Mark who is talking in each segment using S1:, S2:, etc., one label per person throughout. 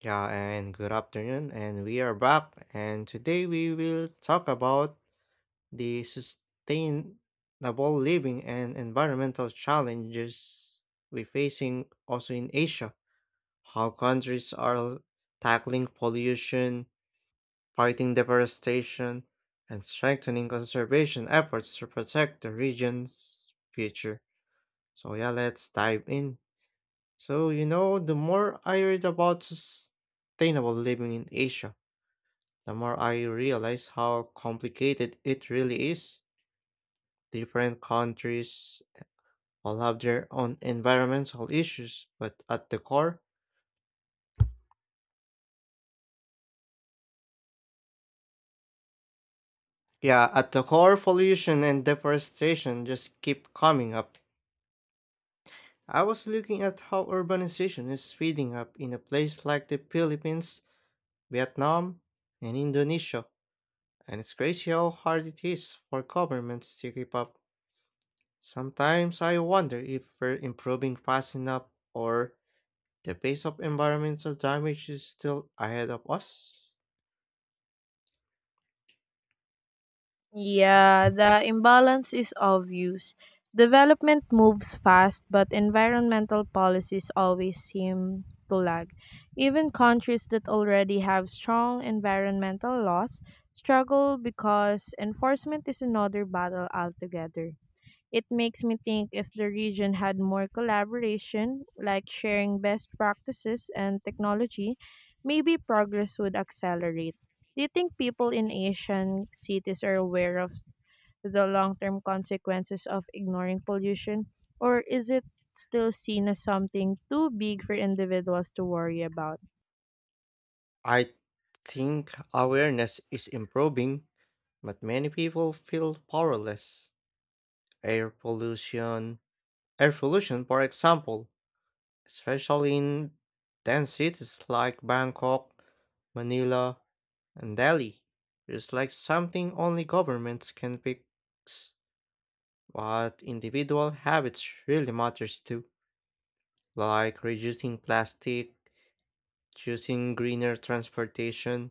S1: Yeah, and good afternoon, and we are back. And today we will talk about the sustainable living and environmental challenges we're facing also in Asia. How countries are tackling pollution, fighting deforestation, and strengthening conservation efforts to protect the region's future. So, yeah, let's dive in. So, you know, the more I read about sustainable living in Asia, the more I realize how complicated it really is. Different countries all have their own environmental issues, but at the core, yeah, at the core, pollution and deforestation just keep coming up. I was looking at how urbanization is speeding up in a place like the Philippines, Vietnam, and Indonesia, and it's crazy how hard it is for governments to keep up. Sometimes I wonder if we're improving fast enough or the pace of environmental damage is still ahead of us.
S2: Yeah, the imbalance is obvious. Development moves fast, but environmental policies always seem to lag. Even countries that already have strong environmental laws struggle because enforcement is another battle altogether. It makes me think if the region had more collaboration, like sharing best practices and technology, maybe progress would accelerate. Do you think people in Asian cities are aware of the long term consequences of ignoring pollution, or is it still seen as something too big for individuals to worry about?
S1: I think awareness is improving, but many people feel powerless. Air pollution, air pollution, for example, especially in dense cities like Bangkok, Manila, and Delhi, is like something only governments can fix. But individual habits really matters too, like reducing plastic choosing greener transportation,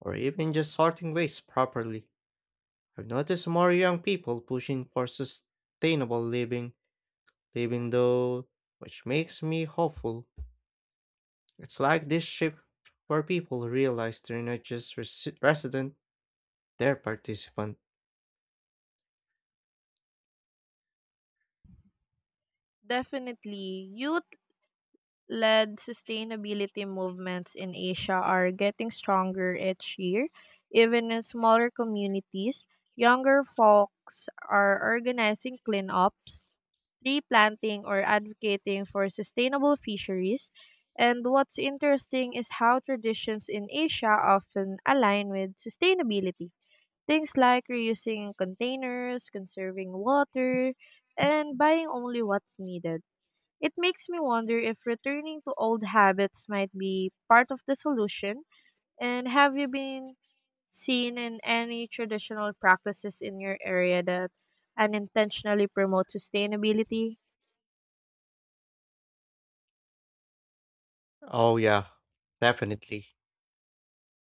S1: or even just sorting waste properly. I've noticed more young people pushing for sustainable living though, which makes me hopeful. It's like this shift where people realize they're not just resident, they're participant.
S2: Definitely, youth led sustainability movements in Asia are getting stronger each year. Even in smaller communities, younger folks are organizing cleanups, tree planting, or advocating for sustainable fisheries. And what's interesting is how traditions in Asia often align with sustainability. Things like reusing containers, conserving water, and buying only what's needed. It makes me wonder if returning to old habits might be part of the solution. And have you been seen in any traditional practices in your area that unintentionally promote sustainability?
S1: Oh yeah, definitely.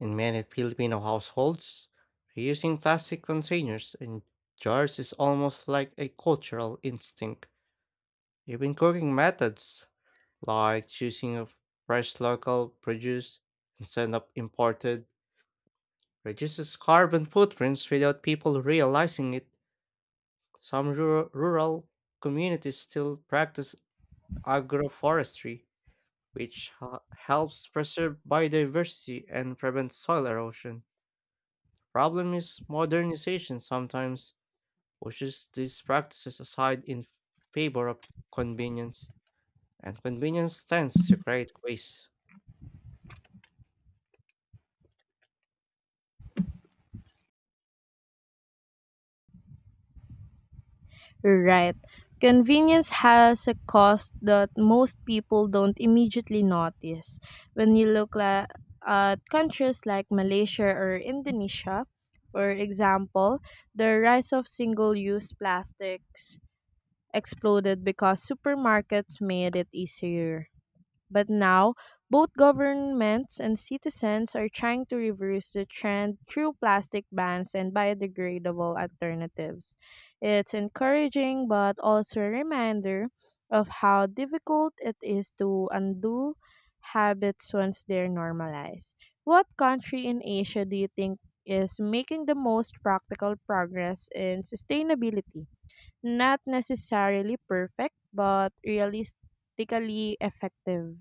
S1: In many Filipino households, reusing plastic containers and jars is almost like a cultural instinct. Even cooking methods like choosing fresh local produce instead of imported, reduces carbon footprints without people realizing it. Some rural communities still practice agroforestry, which helps preserve biodiversity and prevent soil erosion. Problem is modernization sometimes pushes these practices aside in favor of convenience, and convenience tends to create waste.
S2: Right. Convenience has a cost that most people don't immediately notice. When you at countries like Malaysia or Indonesia, for example, the rise of single use plastics exploded because supermarkets made it easier. But now, both governments and citizens are trying to reverse the trend through plastic bans and biodegradable alternatives. It's encouraging but also a reminder of how difficult it is to undo habits once they're normalized. What country in Asia do you think is making the most practical progress in sustainability? Not necessarily perfect, but realistically effective.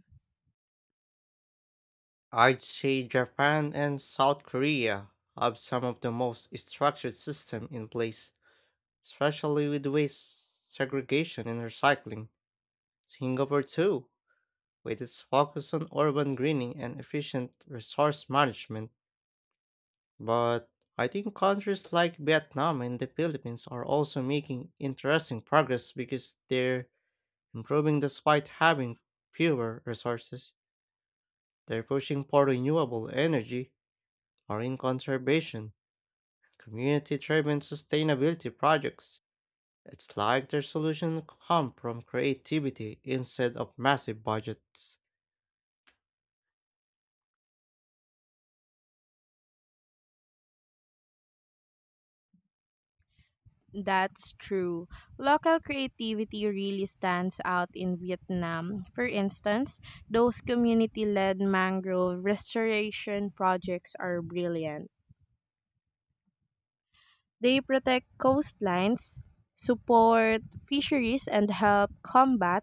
S1: I'd say Japan and South Korea have some of the most structured system in place, especially with waste segregation and recycling. Singapore too, with its focus on urban greening and efficient resource management. But I think countries like Vietnam and the Philippines are also making interesting progress because they're improving despite having fewer resources. They're pushing for renewable energy, marine conservation, community-driven sustainability projects. It's like their solutions come from creativity instead of massive budgets.
S2: That's true. Local creativity really stands out in Vietnam. For instance, those community led mangrove restoration projects are brilliant. They protect coastlines, support fisheries, and help combat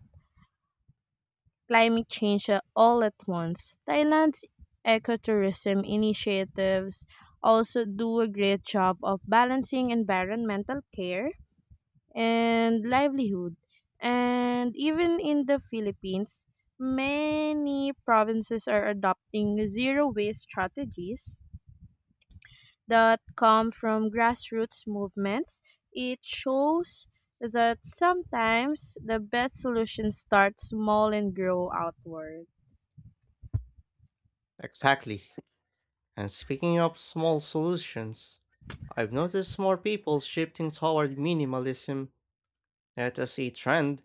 S2: climate change all at once. Thailand's ecotourism initiatives also do a great job of balancing environmental care and livelihood. And even in the Philippines, many provinces are adopting zero waste strategies that come from grassroots movements. It shows that sometimes the best solution starts small and grow outward.
S1: Exactly. And speaking of small solutions, I've noticed more people shifting toward minimalism, not as a trend,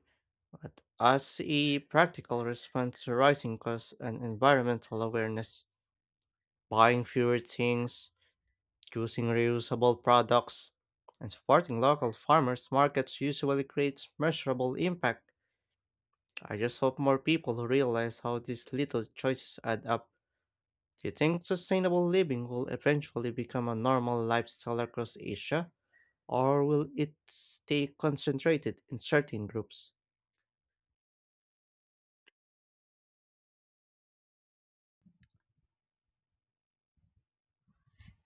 S1: but as a practical response to rising costs and environmental awareness. Buying fewer things, choosing reusable products and supporting local farmers markets usually creates measurable impact. I just hope more people realize how these little choices add up. Do you think sustainable living will eventually become a normal lifestyle across Asia, or will it stay concentrated in certain groups?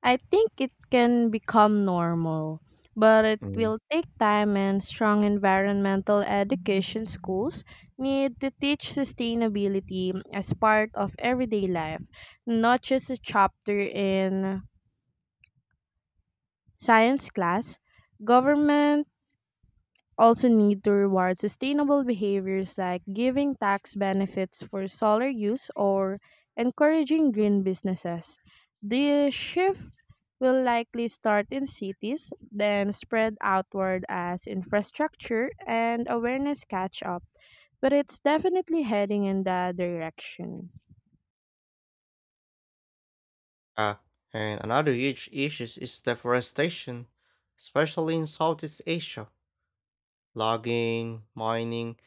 S2: I think it can become normal, but it
S1: Mm.
S2: will take time and strong environmental education schools need to teach sustainability as part of everyday life, not just a chapter in science class. Government also need to reward sustainable behaviors like giving tax benefits for solar use or encouraging green businesses. The shift will likely start in cities, then spread outward as infrastructure and awareness catch up, but it's definitely heading in that direction.
S1: Ah, and another huge issue is deforestation, especially in Southeast Asia. Logging, mining,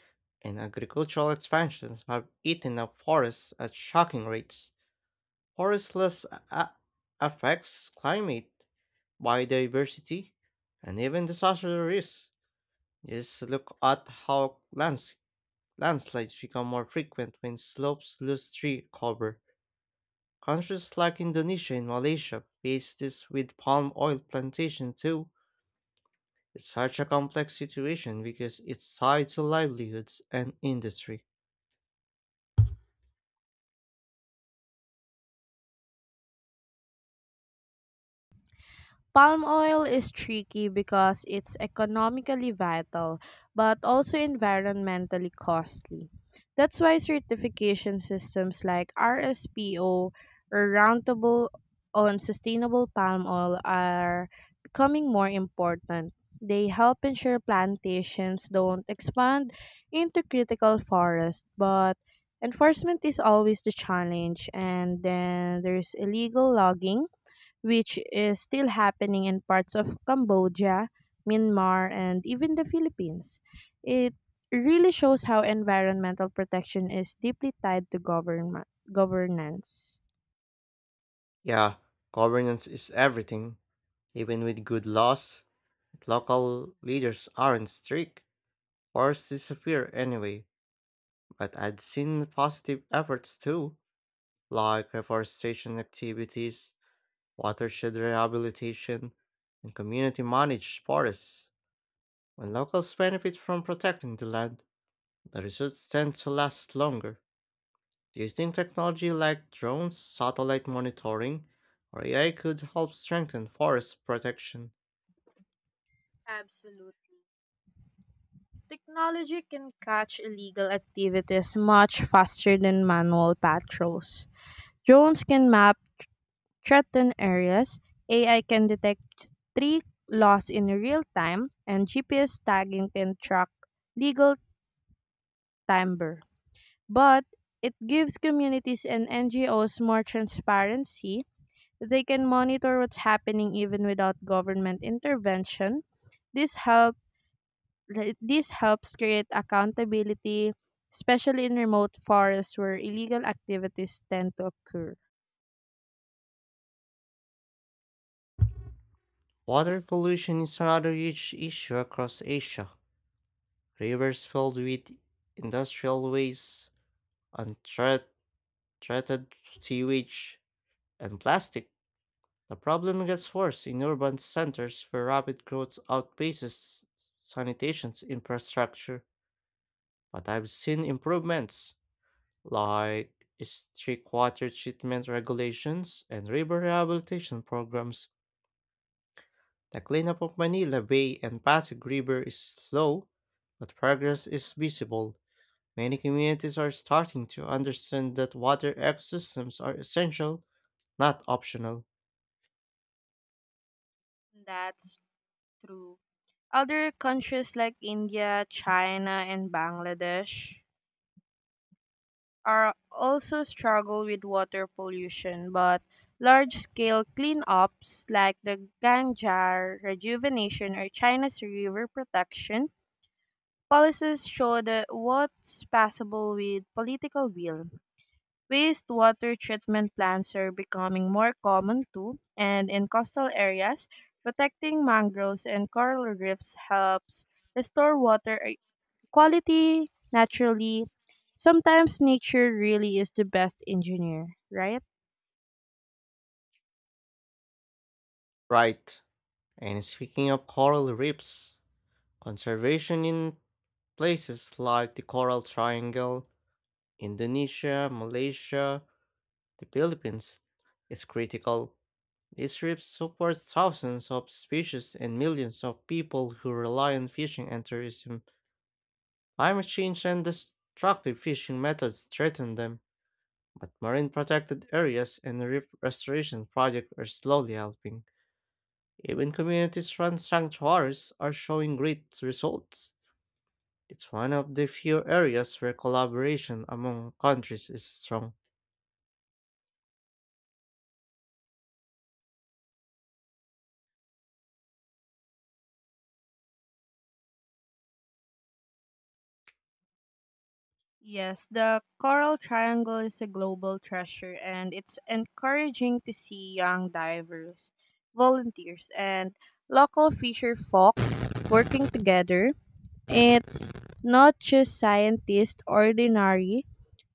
S1: and agricultural expansions have eaten up forests at shocking rates. Forest loss affects climate, biodiversity, and even disaster risks. Just look at how landslides become more frequent when slopes lose tree cover. Countries like Indonesia and Malaysia face this with palm oil plantation too. It's such a complex situation because it's tied to livelihoods and industry.
S2: Palm oil is tricky because it's economically vital but also environmentally costly. That's why certification systems like RSPO or Roundtable on sustainable palm oil are becoming more important. They help ensure plantations don't expand into critical forest, but enforcement is always the challenge. And then there's illegal logging which is still happening in parts of Cambodia, Myanmar, and even the Philippines. It really shows how environmental protection is deeply tied to government governance.
S1: Yeah, governance is everything. Even with good laws, if local leaders aren't strict, forests disappear anyway. But I'd seen positive efforts too, like reforestation activities, watershed rehabilitation, and community managed forests. When locals benefit from protecting the land, the results tend to last longer. Do you think technology like drones, satellite monitoring, or AI could help strengthen forest protection?
S2: Absolutely. Technology can catch illegal activities much faster than manual patrols. Drones can map threatened areas, AI can detect tree loss in real time, and GPS tagging can track legal timber, but it gives communities and NGOs more transparency. They can monitor what's happening even without government intervention. This help this helps create accountability, especially in remote forests where illegal activities tend to occur.
S1: Water pollution is another huge issue across Asia. Rivers filled with industrial waste, untreated sewage, and plastic. The problem gets worse in urban centers where rapid growth outpaces sanitation infrastructure. But I've seen improvements like strict water treatment regulations and river rehabilitation programs. The cleanup of Manila Bay and Pasig River is slow, but progress is visible. Many communities are starting to understand that water ecosystems are essential, not optional.
S2: That's true. Other countries like India, China, and Bangladesh are also struggle with water pollution, but large scale cleanups like the Ganjar rejuvenation or China's river protection policies show that what's possible with political will. Wastewater treatment plants are becoming more common too, and in coastal areas, protecting mangroves and coral reefs helps restore water quality naturally. Sometimes nature really is the best engineer, right?
S1: Right. And speaking of coral reefs, conservation in places like the Coral Triangle, Indonesia, Malaysia, the Philippines is critical. These reefs support thousands of species and millions of people who rely on fishing and tourism. Climate change and destructive fishing methods threaten them, but marine protected areas and reef restoration projects are slowly helping. Even communities run sanctuaries are showing great results. It's one of the few areas where collaboration among countries is strong.
S2: Yes, the coral triangle is a global treasure, and it's encouraging to see young divers, volunteers, and local fisher folk working together. It's not just scientists ordinary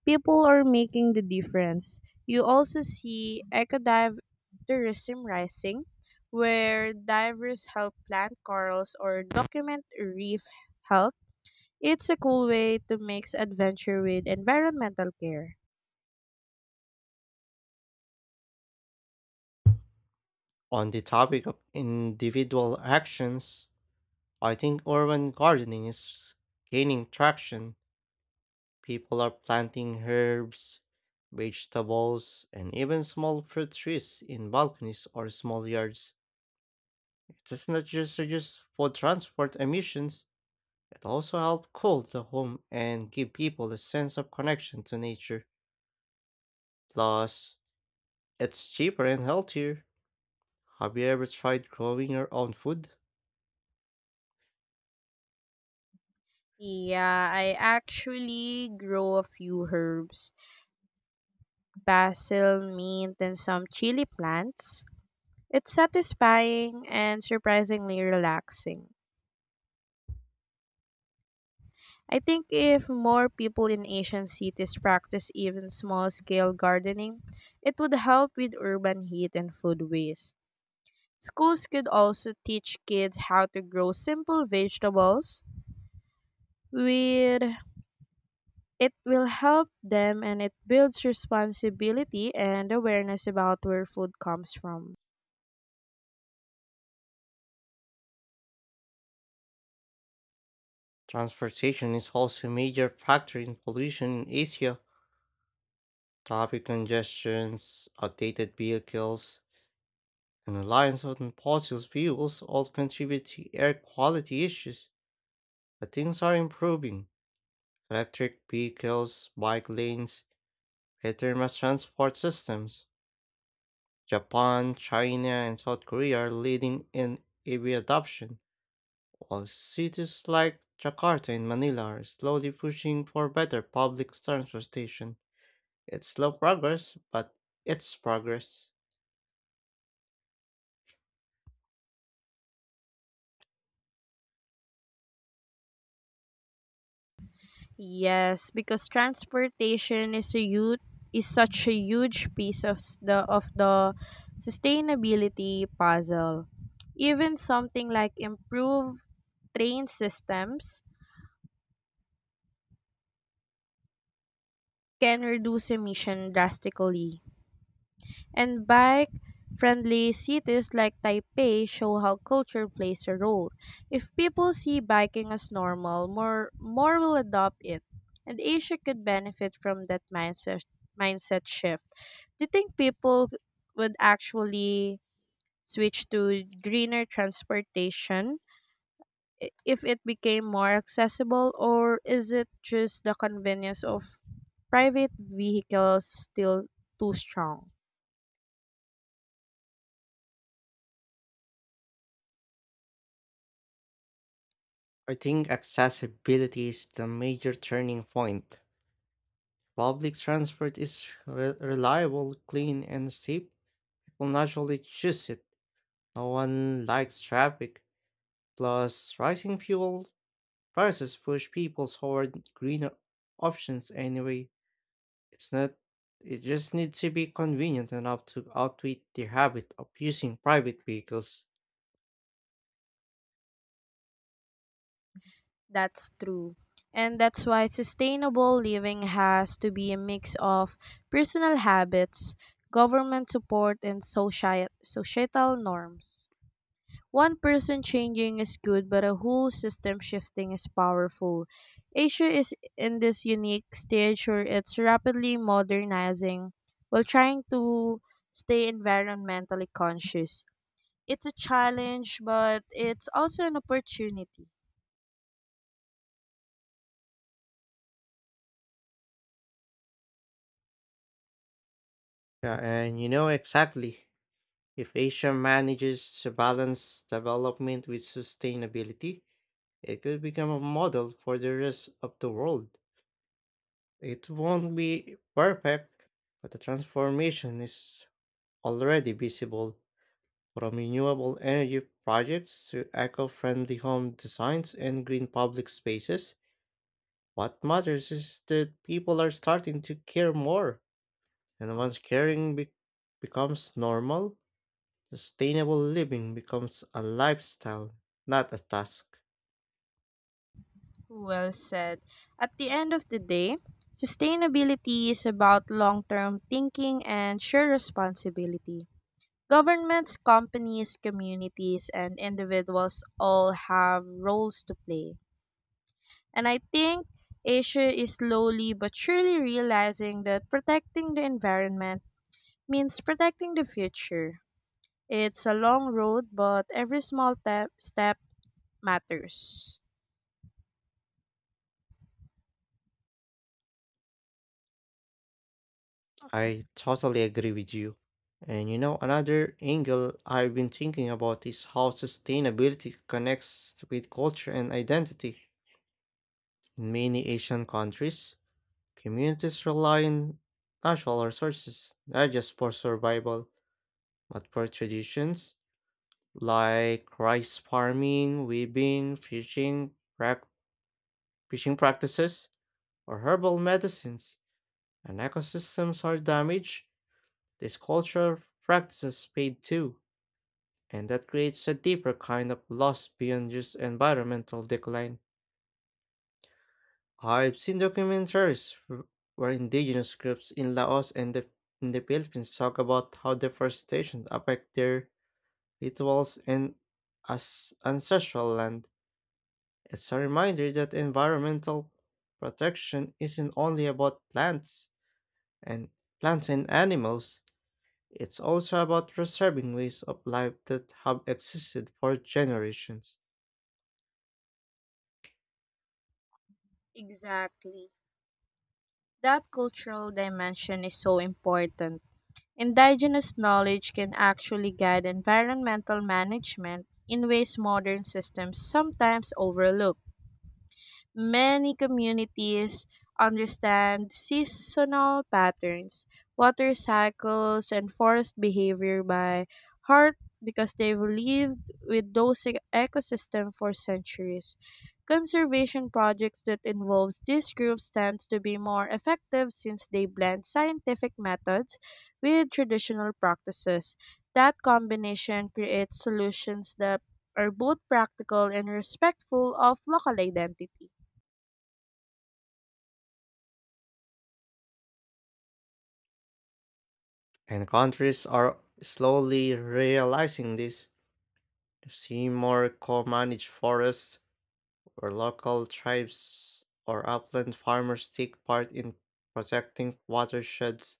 S2: people are making the difference. You also see ecodive tourism rising, where divers help plant corals or document reef health. It's a cool way to mix adventure with environmental care.
S1: On the topic of individual actions, I think urban gardening is gaining traction. People are planting herbs, vegetables, and even small fruit trees in balconies or small yards. It does not just reduce food transport emissions, it also helps cool the home and give people a sense of connection to nature. Plus, it's cheaper and healthier. Have you ever tried growing your own food?
S2: Yeah, I actually grow a few herbs, basil, mint, and some chili plants. It's satisfying and surprisingly relaxing. I think if more people in Asian cities practice even small scale gardening, it would help with urban heat and food waste. Schools could also teach kids how to grow simple vegetables with it will help them and it builds responsibility and awareness about where food comes from.
S1: Transportation is also a major factor in pollution in Asia. Traffic congestions, outdated vehicles, an alliance on fossil fuels all contribute to air quality issues, but things are improving. Electric vehicles, bike lanes, better mass transport systems. Japan, China, and South Korea are leading in EV adoption, while cities like Jakarta and Manila are slowly pushing for better public transportation. It's slow progress, but it's progress.
S2: Yes, because transportation is a huge is such a huge piece of the sustainability puzzle. Even something like improved train systems can reduce emission drastically. And bike friendly cities like Taipei show how culture plays a role. If people see biking as normal, more will adopt it. And Asia could benefit from that mindset shift. Do you think people would actually switch to greener transportation if it became more accessible, or is it just the convenience of private vehicles still too strong?
S1: I think accessibility is the major turning point. Public transport is reliable, clean, and safe. People naturally choose it. No one likes traffic. Plus, rising fuel prices push people toward greener options anyway. It's not, It just needs to be convenient enough to outwit the habit of using private vehicles.
S2: That's true. And that's why sustainable living has to be a mix of personal habits, government support, and societal norms. One person changing is good, but a whole system shifting is powerful. Asia is in this unique stage where it's rapidly modernizing while trying to stay environmentally conscious. It's a challenge, but it's also an opportunity.
S1: Yeah, and you know exactly. If Asia manages to balance development with sustainability, it could become a model for the rest of the world. It won't be perfect, but the transformation is already visible from renewable energy projects to eco friendly home designs and green public spaces. What matters is that people are starting to care more, and once caring becomes normal, sustainable living becomes a lifestyle, not a task.
S2: Well said. At the end of the day, sustainability is about long term thinking and shared responsibility. Governments, companies, communities, and individuals all have roles to play. And I think Asia is slowly but surely realizing that protecting the environment means protecting the future. It's a long road, but every step matters.
S1: I totally agree with you. And you know, another angle I've been thinking about is how sustainability connects with culture and identity. In many Asian countries, communities rely on natural resources, not just for survival, but for traditions like rice farming, weaving, fishing practices, or herbal medicines. And ecosystems are damaged, these cultural practices fade too and that creates a deeper kind of loss beyond just environmental decline. I've seen documentaries where indigenous groups in Laos in the Philippines talk about how deforestation affects their rituals and as ancestral land. It's a reminder that environmental protection isn't only about and plants and animals. It's also about preserving ways of life that have existed for generations.
S2: Exactly. That cultural dimension is so important. Indigenous knowledge can actually guide environmental management in ways modern systems sometimes overlook. Many communities understand seasonal patterns, water cycles, and forest behavior by heart because they've lived with ecosystems for centuries. Conservation projects that involves these groups tends to be more effective since they blend scientific methods with traditional practices. That combination creates solutions that are both practical and respectful of local identity.
S1: And countries are slowly realizing this. You see more co-managed forests where local tribes or upland farmers take part in protecting watersheds.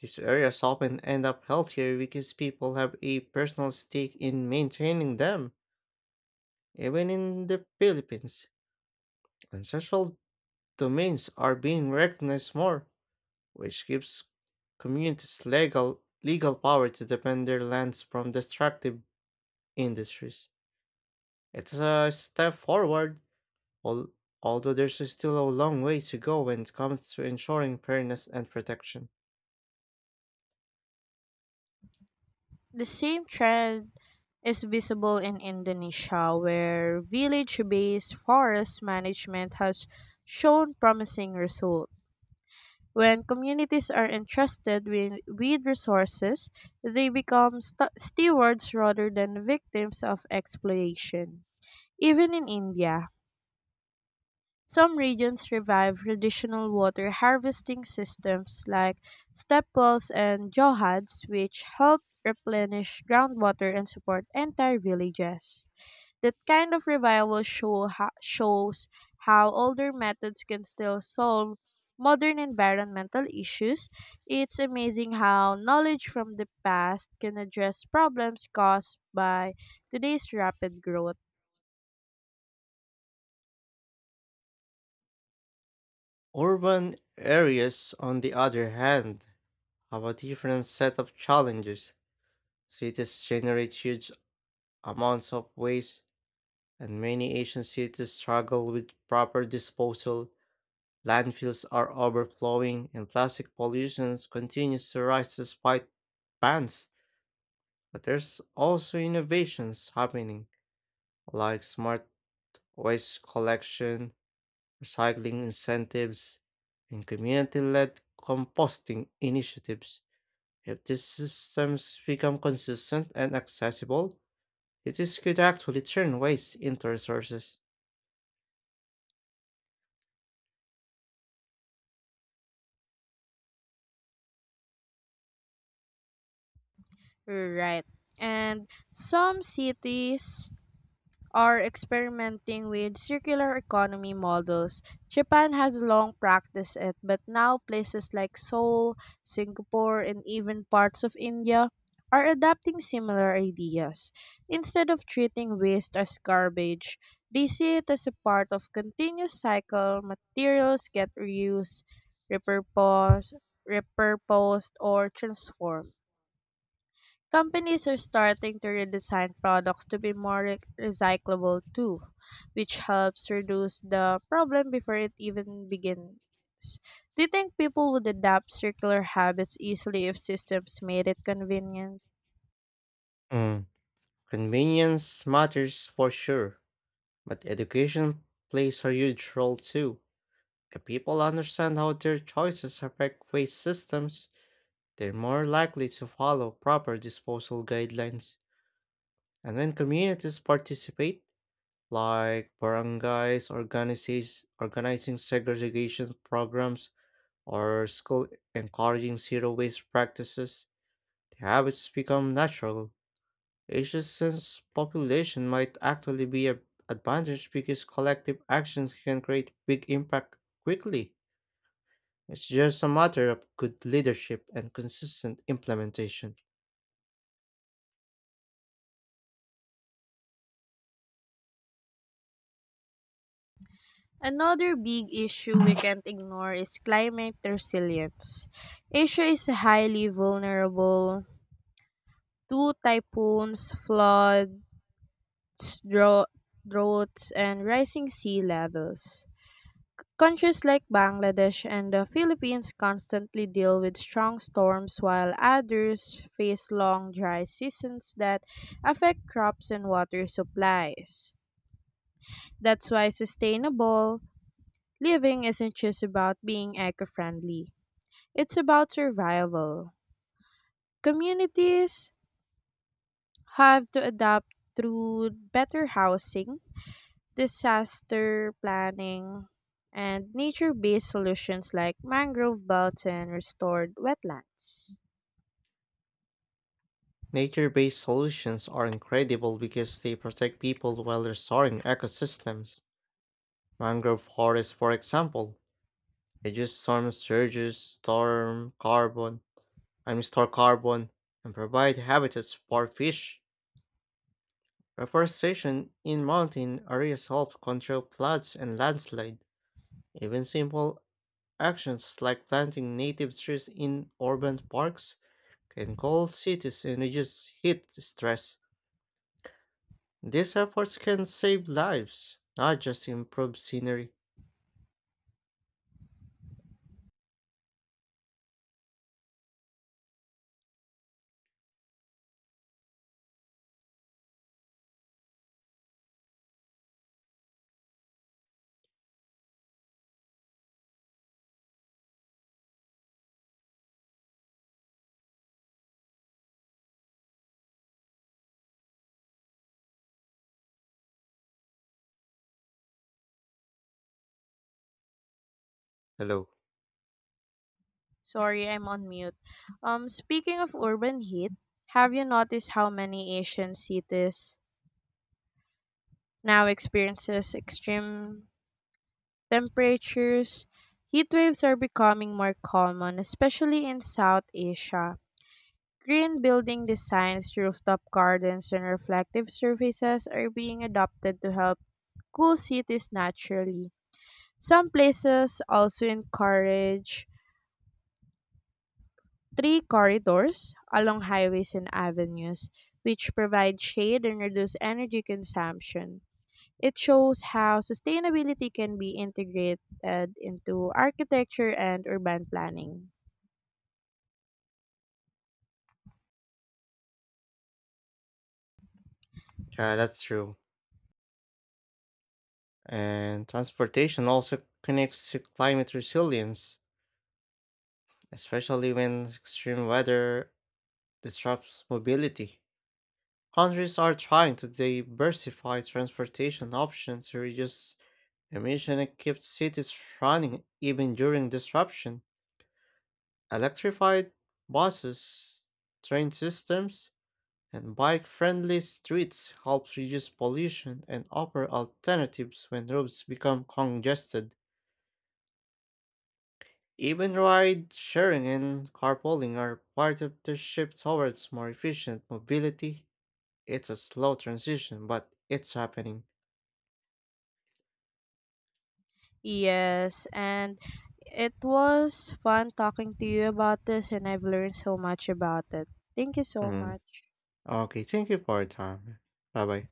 S1: These areas often end up healthier because people have a personal stake in maintaining them. Even in the Philippines, ancestral domains are being recognized more, which gives communities legal power to defend their lands from destructive industries. It's a step forward, al- although there's still a long way to go when it comes to ensuring fairness and protection.
S2: The same trend is visible in Indonesia, where village based forest management has shown promising results. When communities are entrusted with resources, they become stewards rather than victims of exploitation. Even in India, some regions revive traditional water harvesting systems like step wells and johads, which help replenish groundwater and support entire villages. That kind of shows how older methods can still solve modern environmental issues. It's amazing how knowledge from the past can address problems caused by today's rapid growth.
S1: Urban areas, on the other hand, have a different set of challenges. Cities generate huge amounts of waste, and many Asian cities struggle with proper disposal. Landfills are overflowing, and plastic pollution continues to rise despite bans. But there's also innovations happening like smart waste collection, recycling incentives, and community led composting initiatives. If these systems become consistent and accessible, cities could actually turn waste into resources.
S2: Right. And some cities are experimenting with circular economy models. Japan has long practiced it, but now places like Seoul, Singapore, and even parts of India are adapting similar ideas. Instead of treating waste as garbage, they see it as a part of continuous cycle. Materials get reused, repurposed, repurposed or transformed. Companies are starting to redesign products to be more recyclable too, which helps reduce the problem before it even begins. Do you think people would adapt circular habits easily if systems made it convenient?
S1: Mm, Convenience matters for sure, but education plays a huge role too. If people understand how their choices affect waste systems, they're more likely to follow proper disposal guidelines. And when communities participate, like organizing segregation programs or school encouraging zero waste practices, the habits become natural. Asia's population might actually be an advantage because collective actions can create big impact quickly. It's just a matter of good leadership and consistent implementation.
S2: Another big issue we can't ignore is climate resilience. Asia is highly vulnerable to typhoons, floods, drought- droughts, and rising sea levels. Countries like Bangladesh and the Philippines constantly deal with strong storms, while others face long dry seasons that affect crops and water supplies. That's why sustainable living isn't just about being eco friendly, it's about survival. Communities have to adapt through better housing disaster planning, and nature based solutions like mangrove belts and restored wetlands.
S1: Nature based solutions are incredible because they protect people while restoring ecosystems. Mangrove forests, for example, reduce storm surges, storm carbon, I mean store carbon, and provide habitats for fish. Reforestation in mountain areas help control floods and landslides. Even simple actions like planting native trees in urban parks can cool cities and reduce heat stress. These efforts can save lives, not just improve scenery. Hello.
S2: Sorry, I'm on mute. Speaking of urban heat, have you noticed how many Asian cities now experiences extreme temperatures? Heat waves are becoming more common, especially in South Asia. Green building designs, rooftop gardens, and reflective surfaces are being adopted to help cool cities naturally. Some places also encourage tree corridors along highways and avenues, which provide shade and reduce energy consumption. It shows how sustainability can be integrated into architecture and urban planning.
S1: Yeah, that's true. And transportation also connects to climate resilience, especially when extreme weather disrupts mobility. Countries are trying to diversify transportation options to reduce emission and keep cities running even during disruption. Electrified buses, train systems, and bike-friendly streets help reduce pollution and offer alternatives when roads become congested. Even ride sharing and carpooling are part of the shift towards more efficient mobility. It's a slow transition, but it's happening.
S2: Yes, and it was fun talking to you about this, and I've learned so much about it. Thank you so
S1: Mm.
S2: much.
S1: Okay, thank you for your time. Bye bye.